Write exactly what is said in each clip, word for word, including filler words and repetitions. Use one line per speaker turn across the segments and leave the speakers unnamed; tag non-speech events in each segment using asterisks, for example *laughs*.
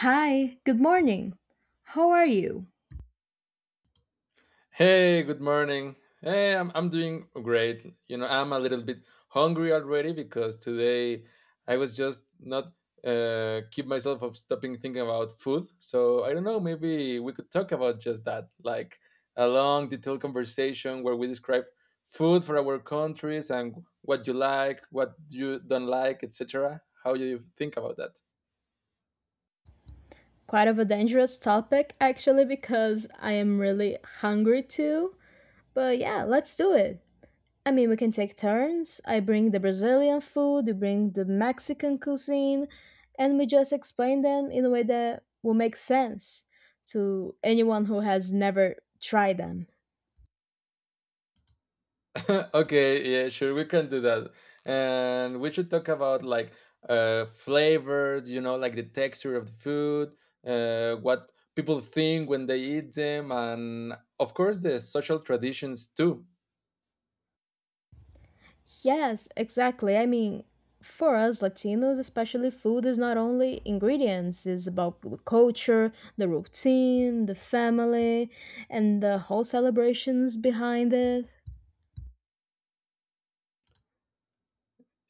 Hi, good morning. How are you?
Hey, good morning. Hey, I'm I'm doing great. You know, I'm a little bit hungry already because today I was just not uh keep myself of stopping thinking about food. So I don't know, maybe we could talk about just that, like a long detailed conversation where we describe food for our countries and what you like, what you don't like, et cetera. How you think about that?
Quite of a dangerous topic actually because I am really hungry too. But yeah, let's do it. I mean, we can take turns. I bring the Brazilian food, you bring the Mexican cuisine, and we just explain them in a way that will make sense to anyone who has never tried them.
*laughs* Okay, yeah, sure, we can do that. And we should talk about like uh flavors, you know, like the texture of the food, uh what people think when they eat them, and of course the social traditions too.
Yes, exactly. I mean, for us Latinos, especially food is not only ingredients, it's about the culture, the routine, the family, and the whole celebrations behind it.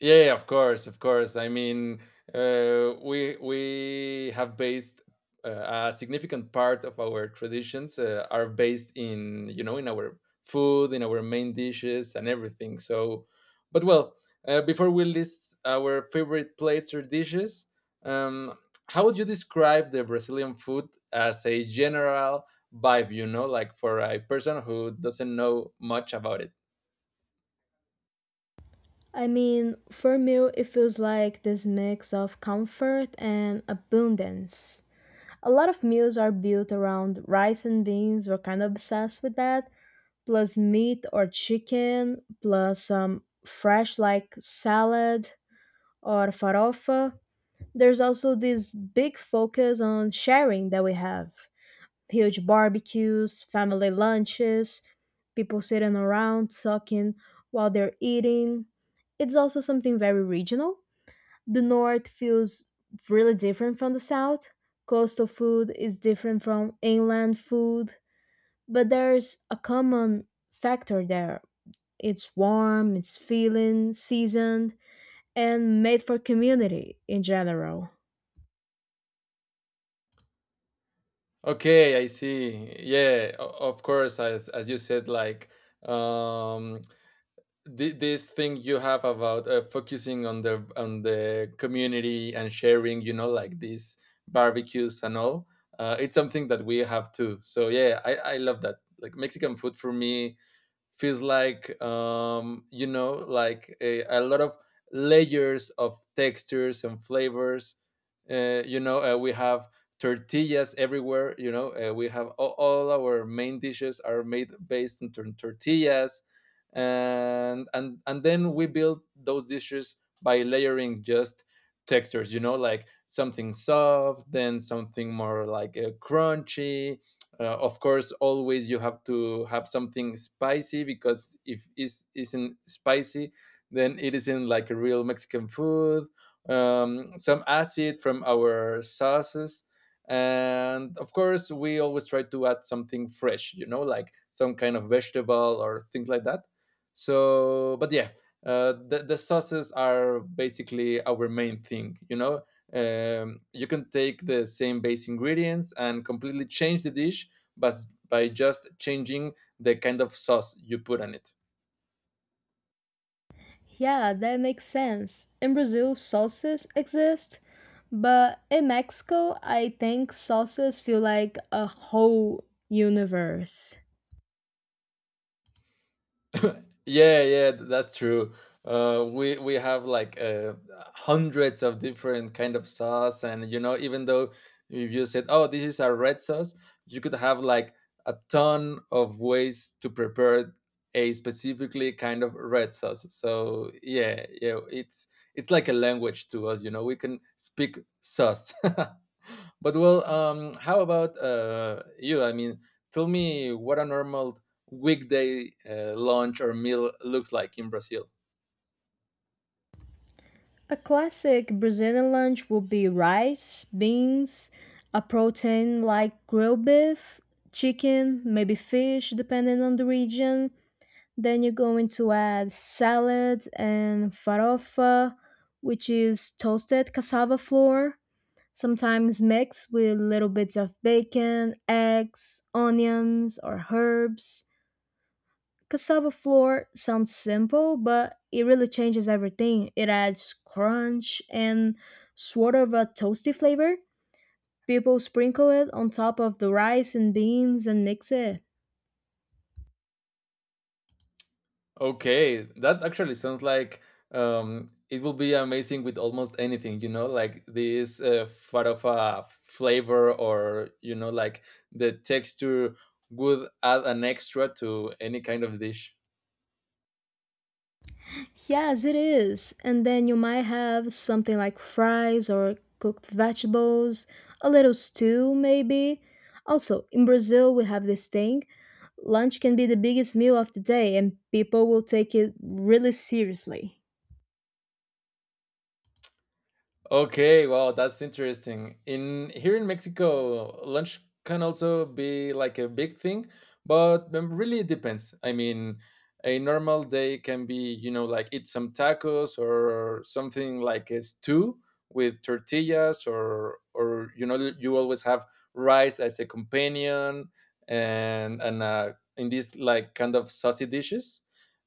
Yeah, yeah, of course, of course. I mean, uh, we we have based, uh, a significant part of our traditions, uh, are based in, you know, in our food, in our main dishes, and everything. So, but well, uh, before we list our favorite plates or dishes, um, how would you describe the Brazilian food as a general vibe? You know, like for a person who doesn't know much about it.
I mean, for me, it feels like this mix of comfort and abundance. A lot of meals are built around rice and beans. We're kind of obsessed with that. Plus meat or chicken, plus some fresh like salad or farofa. There's also this big focus on sharing that we have huge barbecues, family lunches, people sitting around talking while they're eating. It's also something very regional. The north feels really different from the south. Coastal food is different from inland food, but there's a common factor there. It's warm, it's feeling, seasoned, and made for community in general.
Okay, I see. Yeah, o- of course, as as you said, like um, thi- this thing you have about uh, focusing on the on the community and sharing, you know, like these barbecues and all, uh, it's something that we have too. So yeah, i i love that. Like Mexican food for me feels like, um you know, like a, a lot of layers of textures and flavors. Uh, you know uh, we have tortillas everywhere. You know, uh, we have all, all our main dishes are made based on tor- tortillas, and and and then we build those dishes by layering just textures, you know, like something soft, then something more like, uh, crunchy. Uh, of course, always you have to have something spicy, because if it isn't spicy, then it isn't like a real Mexican food. Um, some acid from our sauces, and of course we always try to add something fresh, you know, like some kind of vegetable or things like that. So but yeah, uh, the, the sauces are basically our main thing, you know. Um, you can take the same base ingredients and completely change the dish, but by just changing the kind of sauce you put on it.
Yeah, that makes sense. In Brazil, salsas exist, but in Mexico, I think salsas feel like a whole universe.
Yeah, yeah, th- that's true. Uh, we we have like, uh, hundreds of different kind of sauce, and you know, even though if you said, "Oh, this is a red sauce," you could have like a ton of ways to prepare a specifically kind of red sauce. So yeah, yeah, it's it's like a language to us. You know, we can speak sauce. *laughs* But well, um, how about uh, you? I mean, tell me what a normal weekday uh, lunch or meal looks like in Brazil.
A classic Brazilian lunch would be rice, beans, a protein like grilled beef, chicken, maybe fish, depending on the region. Then you're going to add salad and farofa, which is toasted cassava flour sometimes mixed with little bits of bacon, eggs, onions, or herbs. Cassava flour sounds simple, but it really changes everything. It adds crunch and sort of a toasty flavor. People sprinkle it on top of the rice and beans and mix it.
Okay, that actually sounds like, um, it will be amazing with almost anything, you know, like this, uh, farofa flavor, or you know, like the texture would add an extra to any kind of dish.
Yes, it is. And then you might have something like fries or cooked vegetables, a little stew maybe. Also, in Brazil, we have this thing. Lunch can be the biggest meal of the day, and people will take it really seriously.
Okay, well, that's interesting. In here in Mexico, lunch can also be like a big thing, but um, really it depends. I mean, a normal day can be, you know, like eat some tacos or something like a stew with tortillas, or or you know, you always have rice as a companion, and and uh, in these like kind of saucy dishes.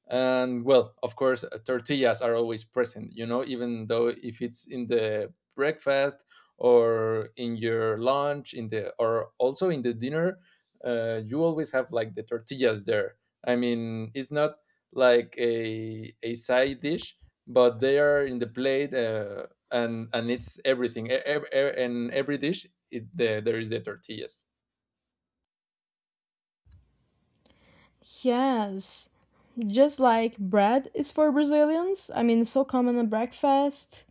And well, of course, uh, tortillas are always present, you know, even though if it's in the breakfast or in your lunch, in the or also in the dinner, uh, you always have like the tortillas there. I mean, it's not like a a side dish, but they are in the plate, uh, and and it's everything e- ev- e- and every dish it, the, there is the tortillas.
Yes, just like bread is for Brazilians. I mean, it's so common at breakfast,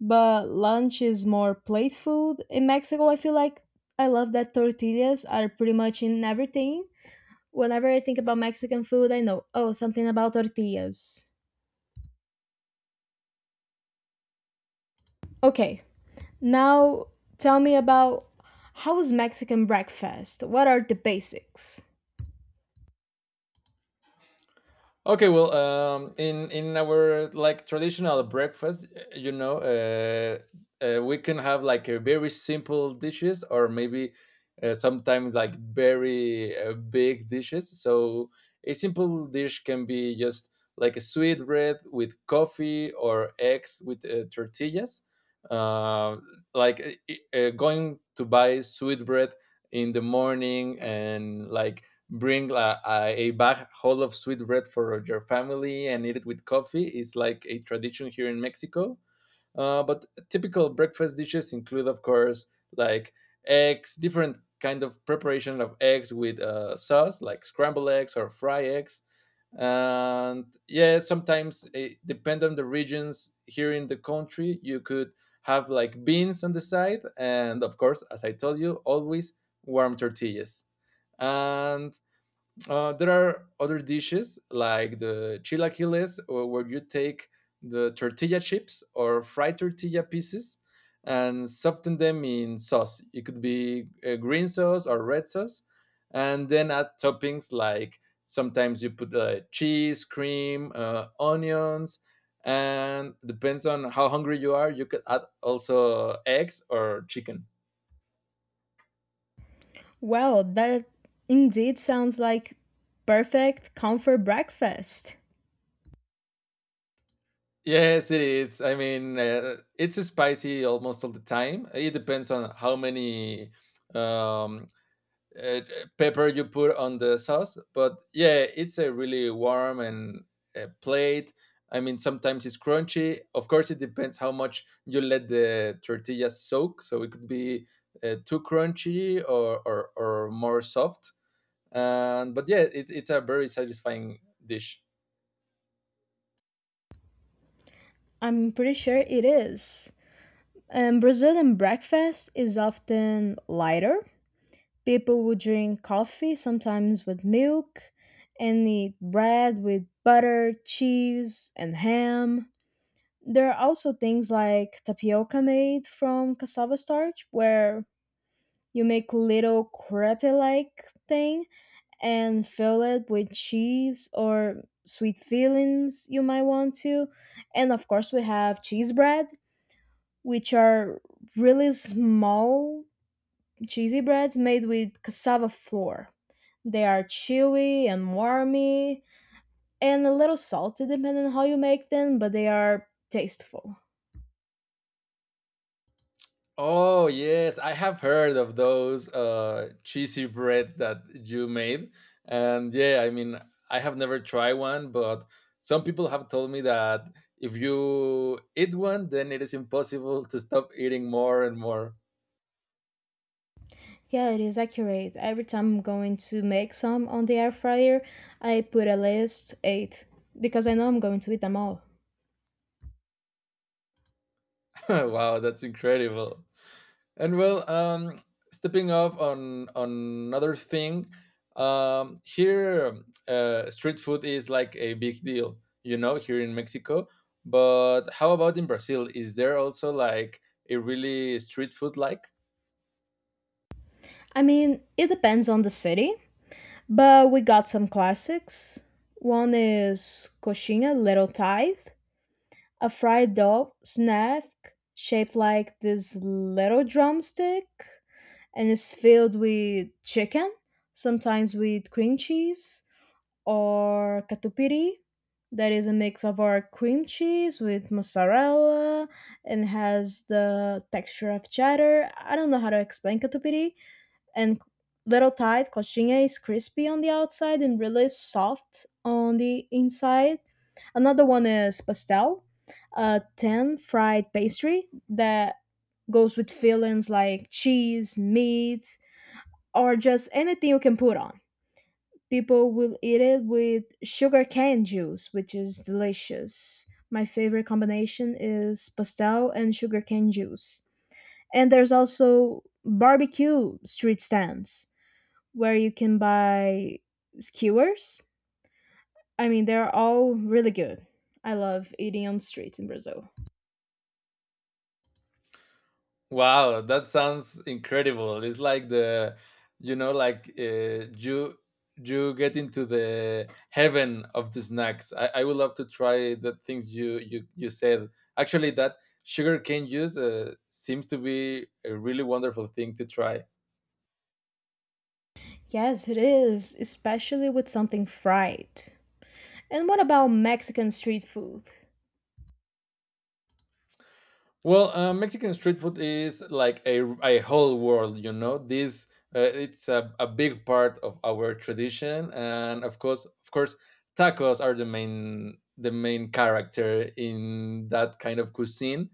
but lunch is more plate food. In Mexico, I feel like I love that tortillas are pretty much in everything. Whenever I think about Mexican food, I know, oh, something about tortillas. Okay, now tell me about how's Mexican breakfast? What are the basics?
Okay, well, um, in in our like traditional breakfast, you know, uh, uh, we can have like a very simple dishes, or maybe, uh, sometimes like very, uh, big dishes. So a simple dish can be just like a sweet bread with coffee, or eggs with uh, tortillas. Uh, like uh, uh, Going to buy sweet bread in the morning and like bring a, a, a bag whole of sweet bread for your family and eat it with coffee. It's like a tradition here in Mexico. Uh, but typical breakfast dishes include, of course, like eggs, different kind of preparation of eggs with uh, sauce, like scrambled eggs or fried eggs. And yeah, sometimes eh, depend on the regions here in the country, you could have like beans on the side, and of course, as I told you, always warm tortillas. And uh, there are other dishes like the chilaquiles, uh, where you take the tortilla chips or fried tortilla pieces and soften them in sauce. It could be uh, green sauce or red sauce, and then add toppings, like sometimes you put uh, cheese, cream, uh, onions, and depends on how hungry you are. You could add also eggs or chicken.
Well, that indeed sounds like perfect comfort breakfast.
Yes, it is. I mean, uh, it's spicy almost all the time. It depends on how many um, uh, pepper you put on the sauce. But yeah, it's a really warm and, uh, plate. I mean, sometimes it's crunchy. Of course, it depends how much you let the tortilla soak. So it could be, uh, too crunchy, or, or, or more soft. And but yeah, it's it's a very satisfying dish.
I'm pretty sure it is. And Brazilian breakfast is often lighter. People would drink coffee, sometimes with milk, and eat bread with butter, cheese, and ham. There are also things like tapioca made from cassava starch, where you make little crepe like thing and fill it with cheese or sweet fillings you might want to. And of course, we have cheese bread, which are really small cheesy breads made with cassava flour. They are chewy and warmy and a little salty depending on how you make them, but they are tasteful.
Oh yes, I have heard of those uh, cheesy breads that you made, and yeah, I mean, I have never tried one, but some people have told me that if you eat one, then it is impossible to stop eating more and more.
Yeah, it is accurate. Every time I'm going to make some on the air fryer, I put at least eight because I know I'm going to eat them all.
*laughs* Wow, that's incredible. And well, um, stepping off on on another thing, um, here, uh, street food is like a big deal, you know, here in Mexico. But how about in Brazil? Is there also like a really street food like?
I mean, it depends on the city, but we got some classics. One is coxinha, little tithe, a fried dove snack shaped like this little drumstick and is filled with chicken, sometimes with cream cheese or catupiry. That is a mix of our cream cheese with mozzarella and has the texture of cheddar. I don't know how to explain catupiry, and little tight. Coxinha is crispy on the outside and really soft on the inside. Another one is pastel, a tan fried pastry that goes with fillings like cheese, meat, or just anything you can put on. People will eat it with sugar cane juice, which is delicious. My favorite combination is pastel and sugar cane juice. And there's also barbecue street stands where you can buy skewers. I mean, they're all really good. I love eating on the streets in Brazil.
Wow, that sounds incredible. It's like the, you know, like uh, you, you get into the heaven of the snacks. I, I would love to try the things you you you said. Actually, that sugarcane juice, uh, seems to be a really wonderful thing to try.
Yes, it is, especially with something fried. And what about Mexican street food?
Well, uh, Mexican street food is like a, a whole world, you know. This, uh, it's a, a big part of our tradition, and of course, of course, tacos are the main the main character in that kind of cuisine.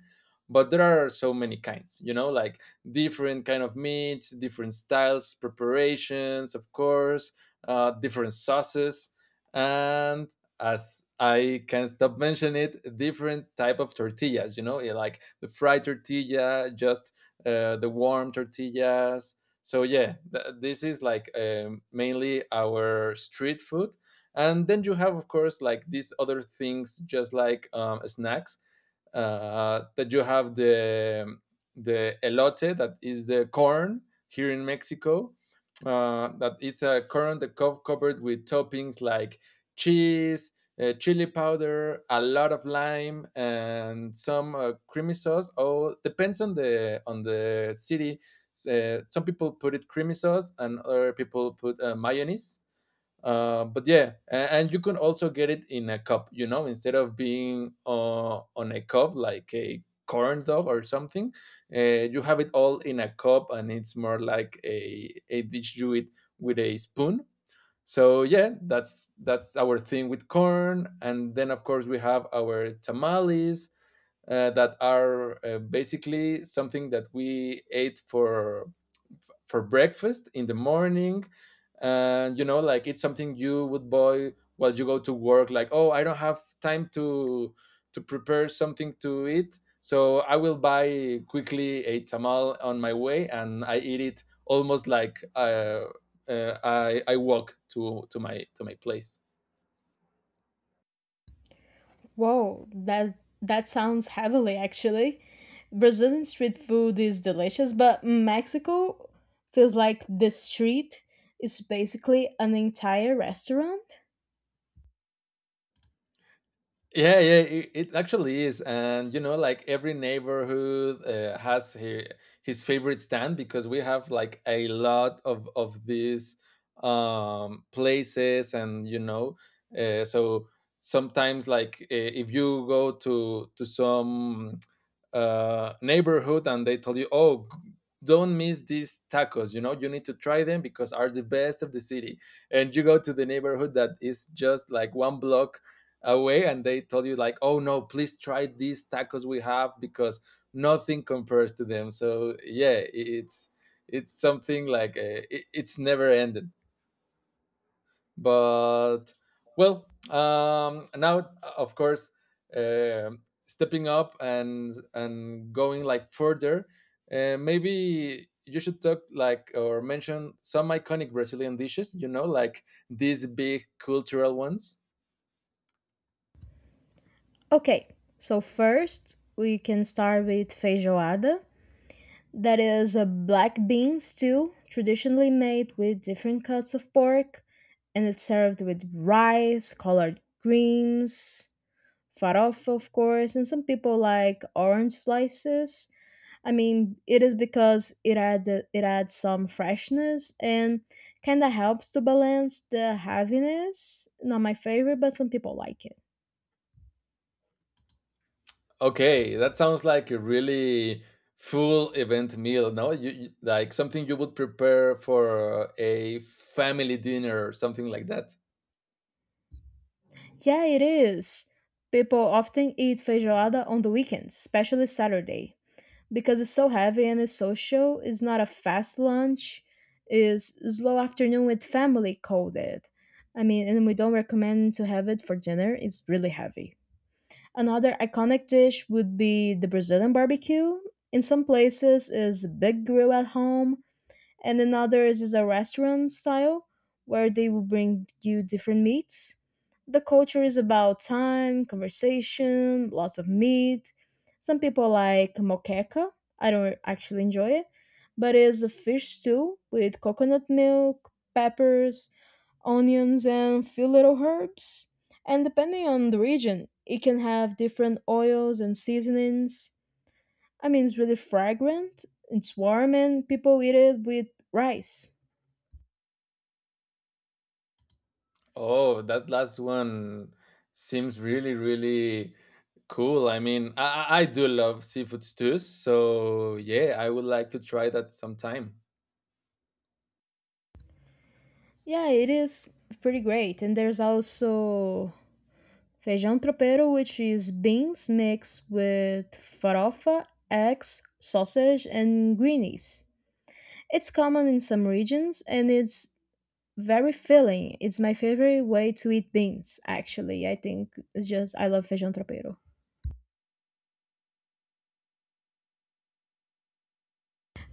But there are so many kinds, you know, like different kind of meats, different styles, preparations, of course, uh, different sauces, and as I can stop mentioning it, different type of tortillas. You know, yeah, like the fried tortilla, just, uh, the warm tortillas. So yeah, th- this is like, um, mainly our street food, and then you have of course like these other things, just like, um, snacks. Uh, that you have the the elote, that is the corn here in Mexico. Uh, that it's a corn that co- covered with toppings like cheese, uh, chili powder, a lot of lime, and some, uh, creamy sauce. Oh, depends on the on the city. Uh, some people put it creamy sauce, and other people put uh, mayonnaise. Uh, but yeah, a- and you can also get it in a cup. You know, instead of being uh, on a cup like a corn dog or something, uh, you have it all in a cup, and it's more like a a dish you eat with a spoon. So yeah, that's that's our thing with corn. And then of course we have our tamales, uh, that are uh, basically something that we ate for for breakfast in the morning. And you know, like it's something you would buy while you go to work, like, oh, I don't have time to to prepare something to eat, so I will buy quickly a tamal on my way and I eat it almost like, uh, uh, I, I walk to to my to my place.
Whoa, that that sounds heavenly, actually. Brazilian street food is delicious, but Mexico feels like the street is basically an entire restaurant.
Yeah, yeah, it, it actually is, and you know, like every neighborhood, uh, has his, his favorite stand, because we have like a lot of of these, um, places, and you know, uh, so sometimes like, uh, if you go to to some, uh, neighborhood, and they told you, oh, don't miss these tacos. You know, you need to try them because are the best of the city. And you go to the neighborhood that is just like one block away, and they told you like, oh no, please try these tacos we have, because nothing compares to them. So yeah, it's it's something like, uh, it, it's never ended. But well, um, now of course, um stepping up and and going like further, uh, maybe you should talk like or mention some iconic Brazilian dishes. You know, like these big cultural ones.
Okay, so first we can start with feijoada. That is a black bean stew, traditionally made with different cuts of pork, and it's served with rice, collard greens, farofa, of course, and some people like orange slices. I mean, it is because it adds it adds some freshness and kind of helps to balance the heaviness. Not my favorite, but some people like it.
Okay, that sounds like a really full event meal, no? You, you like something you would prepare for a family dinner or something like that.
Yeah, it is. People often eat feijoada on the weekends, especially Saturday, because it's so heavy and it's social. It's not a fast lunch. It's slow afternoon with family coded. I mean, and we don't recommend to have it for dinner. It's really heavy. Another iconic dish would be the Brazilian barbecue. In some places, is big grill at home and another is a restaurant style where they will bring you different meats. The culture is about time, conversation, lots of meat. Some people like moqueca. I don't actually enjoy it, but it's a fish stew with coconut milk, peppers, onions, and few little herbs. And depending on the region, it can have different oils and seasonings. I mean, it's really fragrant. It's warm, and people eat it with rice.
Oh, that last one seems really, really cool. I mean, I, I I do love seafood stews, so yeah, I would like to try that sometime.
Yeah, it is pretty great. And there's also feijão tropeiro, which is beans mixed with farofa, eggs, sausage, and greenies. It's common in some regions, and it's very filling. It's my favorite way to eat beans. Actually, I think it's just I love feijão tropeiro.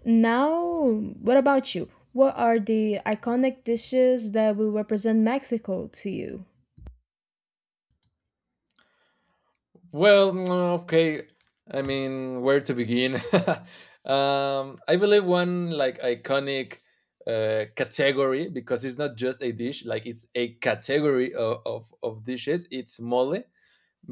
Now, what about you? What are the iconic dishes that will represent Mexico to you?
Well, mm, okay. I mean, where to begin? *laughs* um, I believe one like iconic uh, category because it's not just a dish; like it's a category of, of, of dishes. It's mole,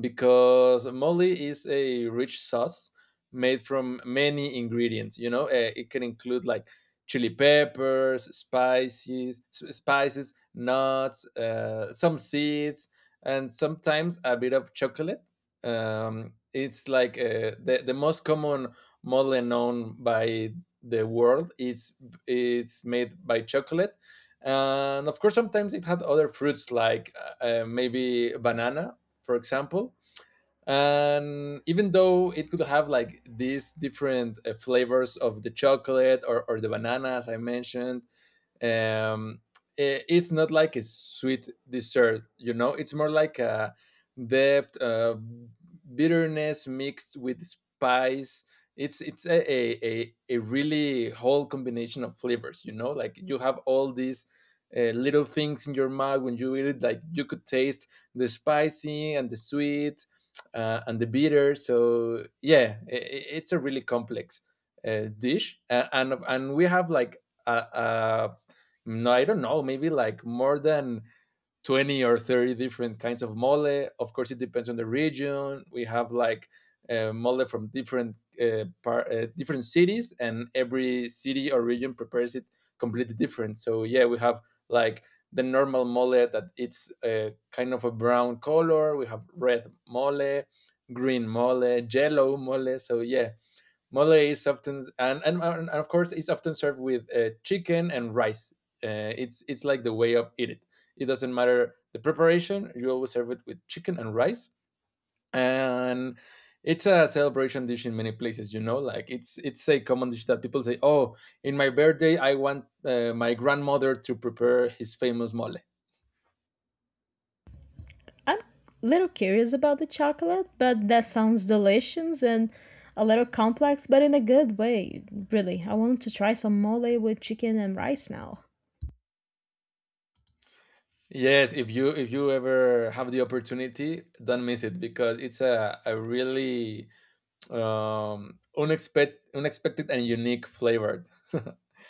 because mole is a rich sauce made from many ingredients. You know, uh, it can include like chili peppers, spices, s- spices, nuts, uh, some seeds, and sometimes a bit of chocolate. Um, it's like uh, the the most common mole known by the world. It's it's made by chocolate. And of course, sometimes it had other fruits like uh, uh, maybe banana, for example. And even though it could have like these different uh, flavors of the chocolate, or, or the bananas I mentioned, um, it's not like a sweet dessert, you know, it's more like a depth, uh, bitterness mixed with spice. It's it's a, a, a, a really whole combination of flavors, you know, like you have all these uh, little things in your mouth when you eat it, like you could taste the spicy and the sweet uh, and the bitter. So yeah, i i- it's a really complex uh, dish, uh, and and we have like a, a no, I don't know, maybe like more than twenty or thirty different kinds of mole. Of course, it depends on the region. We have like uh, mole from different uh, par- uh, different cities, and every city or region prepares it completely different. So yeah, we have like the normal mole that it's uh, kind of a brown color. We have red mole, green mole, yellow mole. So yeah, mole is often and, and, and of course it's often served with uh, chicken and rice. Uh, it's it's like the way of eat it. It doesn't matter the preparation. You always serve it with chicken and rice, and it's a celebration dish in many places. You know, like it's it's a common dish that people say, "Oh, in my birthday, I want uh, my grandmother to prepare his famous mole."
I'm a little curious about the chocolate, but that sounds delicious and a little complex, but in a good way. Really, I want to try some mole with chicken and rice now.
Yes, if you if you ever have the opportunity, don't miss it because it's a, a really um, unexpected unexpected and unique flavored.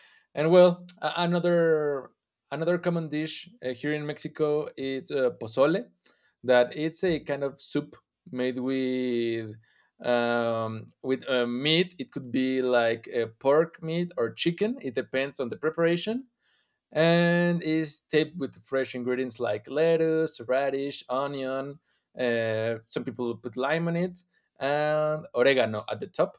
*laughs* And well, a- another another common dish uh, here in Mexico is uh, pozole, that it's a kind of soup made with um, with uh, meat. It could be like uh, pork meat or chicken. It depends on the preparation and is taped with fresh ingredients like lettuce, radish, onion. Uh, some people put lime on it and oregano at the top,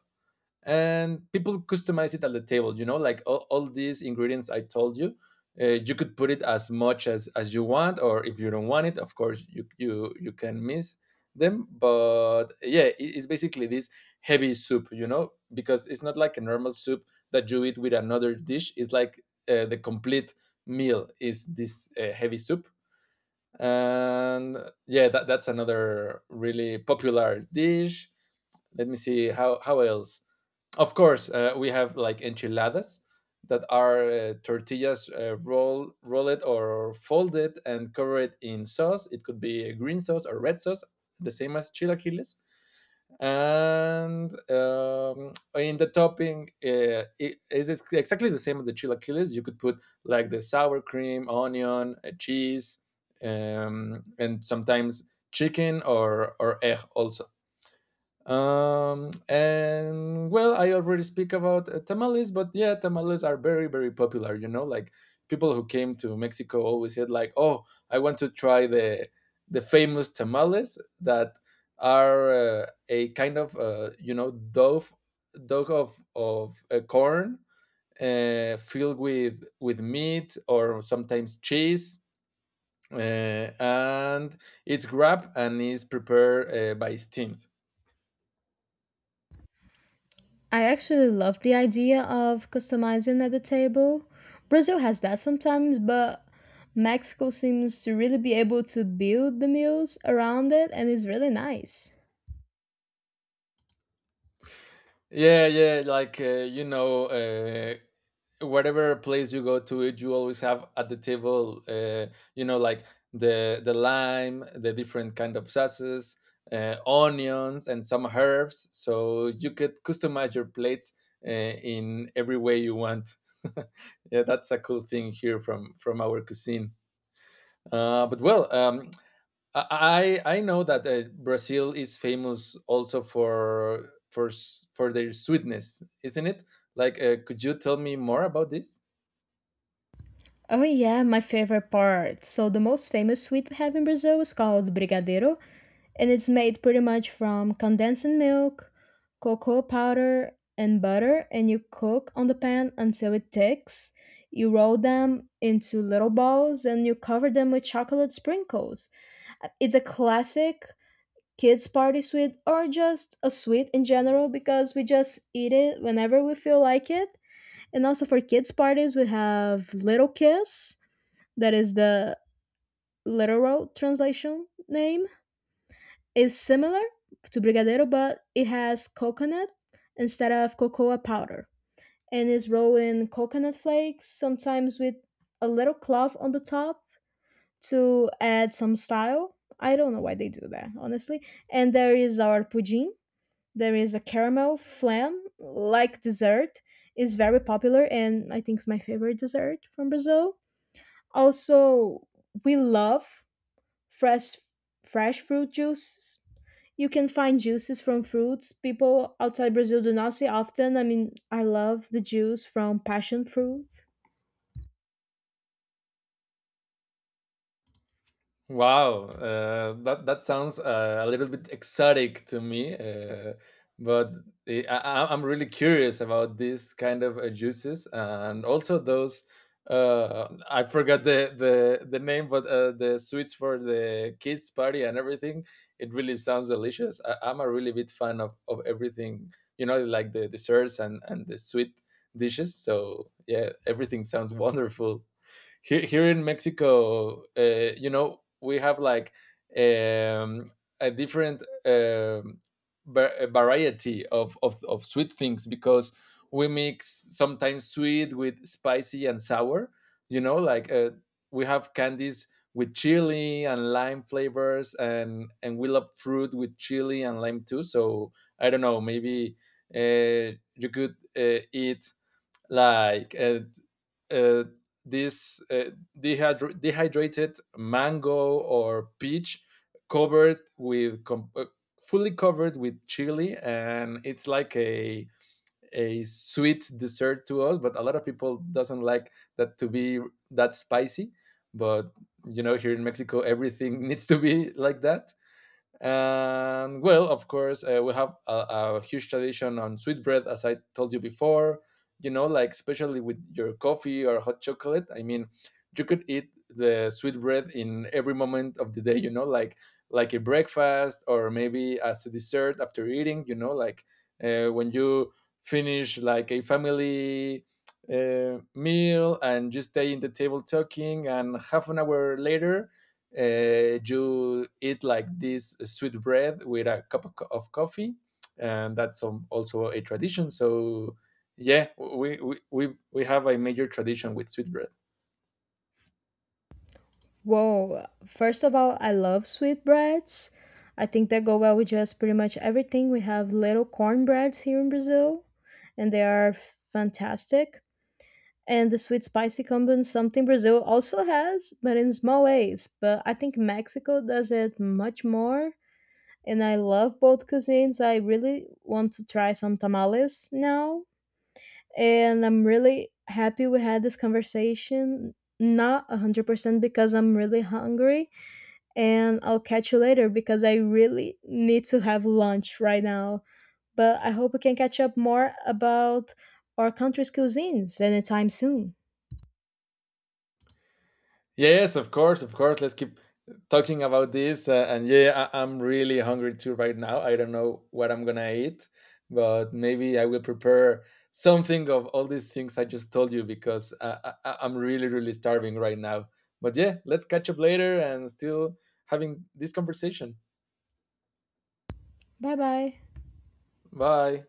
and people customize it at the table, you know, like all, all these ingredients I told you, uh, you could put it as much as as you want, or if you don't want it, of course you you you can miss them. But yeah, it's basically this heavy soup, you know, because it's not like a normal soup that you eat with another dish. It's like uh, the complete meal is this uh, heavy soup. And yeah, that, that's another really popular dish. Let me see how how else. Of course, uh, we have like enchiladas that are uh, tortillas uh, roll roll it or folded and cover it in sauce. It could be a green sauce or red sauce, the same as chilaquiles. And um, in the topping, uh, it is exactly the same as the chilaquiles. You could put like the sour cream, onion, uh, cheese, um, and sometimes chicken or or egg also. Um, and well, I already speak about uh, tamales, but yeah, tamales are very, very popular. You know, like people who came to Mexico always said, like, "Oh, I want to try the the famous tamales that are uh, a kind of uh, you know dough dough of of uh, corn, uh, filled with with meat or sometimes cheese, uh, and it's wrapped and is prepared uh, by steamed."
I actually love the idea of customizing at the table. Brazil has that sometimes, but Mexico seems to really be able to build the meals around it and it's really nice.
Yeah, yeah, like uh, you know, uh, whatever place you go to, it you always have at the table, uh, you know, like the the lime, the different kind of sauces, uh, onions, and some herbs. So you could customize your plates uh, in every way you want. *laughs* Yeah, that's a cool thing here from from our cuisine. Uh, but well, um, I I know that uh, Brazil is famous also for for s- for their sweetness, isn't it? Like, uh, could you tell me more about this?
Oh yeah, my favorite part. So the most famous sweet we have in Brazil is called brigadeiro, and it's made pretty much from condensed milk, cocoa powder, and butter, and you cook on the pan until it thicks. You roll them into little balls and you cover them with chocolate sprinkles. It's a classic kids party sweet or just a sweet in general because we just eat it whenever we feel like it. And also for kids parties we have little kiss that is the literal translation name, is similar to Brigadeiro, but it has coconut instead of cocoa powder and is rolled in coconut flakes, sometimes with a little cloth on the top to add some style. I don't know why they do that, honestly. And there is our pudim. There is a caramel flan like dessert. It's very popular and I think it's my favorite dessert from Brazil. Also, we love fresh fresh fruit juice. You can find juices from fruits people outside Brazil do not see often. I mean, I love the juice from passion fruit.
Wow, uh, that that sounds uh, a little bit exotic to me, uh, but I, I- I'm really curious about these kind of uh, juices and also those. Uh, I forgot the, the the name, but uh, the sweets for the kids party and everything. It really sounds delicious. I, I'm a really big fan of, of everything, you know, like the desserts and and the sweet dishes. So yeah, everything sounds wonderful. Here here in Mexico, uh, you know, we have like um, a different um, va- variety of, of of sweet things, because we mix sometimes sweet with spicy and sour. You know, like uh, we have candies with chili and lime flavors, and and we love fruit with chili and lime too. So I don't know, maybe uh, you could uh, eat like. Uh, uh, this uh, dehydr- dehydrated mango or peach covered with com- uh, fully covered with chili, and it's like a a sweet dessert to us, but a lot of people doesn't like that to be that spicy. But you know, here in Mexico everything *laughs* needs to be like that. And well, of course, uh, we have a, a huge tradition on sweetbread, as I told you before. You know, like especially with your coffee or hot chocolate. I mean, you could eat the sweetbread in every moment of the day. You know, like like a breakfast or maybe as a dessert after eating. You know, like uh, when you finish like a family uh, meal and you stay in the table talking, and half an hour later uh, you eat like this sweet bread with a cup of, co- of coffee, and that's um, also a tradition. So yeah, we, we we we have a major tradition with sweet bread.
Whoa, first of all, I love sweetbreads. I think they go well with just pretty much everything. We have little cornbreads here in Brazil, and they are fantastic. And the sweet spicy combo is something Brazil also has, but in small ways. But I think Mexico does it much more and I love both cuisines. I really want to try some tamales now, and I'm really happy we had this conversation. Not one hundred percent because I'm really hungry, and I'll catch you later because I really need to have lunch right now. But I hope we can catch up more about our country's cuisines anytime soon.
Yes, of course, of course. Let's keep talking about this. Uh, and yeah, I- I'm really hungry too right now. I don't know what I'm gonna eat, but maybe I will prepare something of all these things I just told you, because uh, I- I- I'm really, really starving right now. But yeah, let's catch up later and still having this conversation.
Bye bye.
Bye.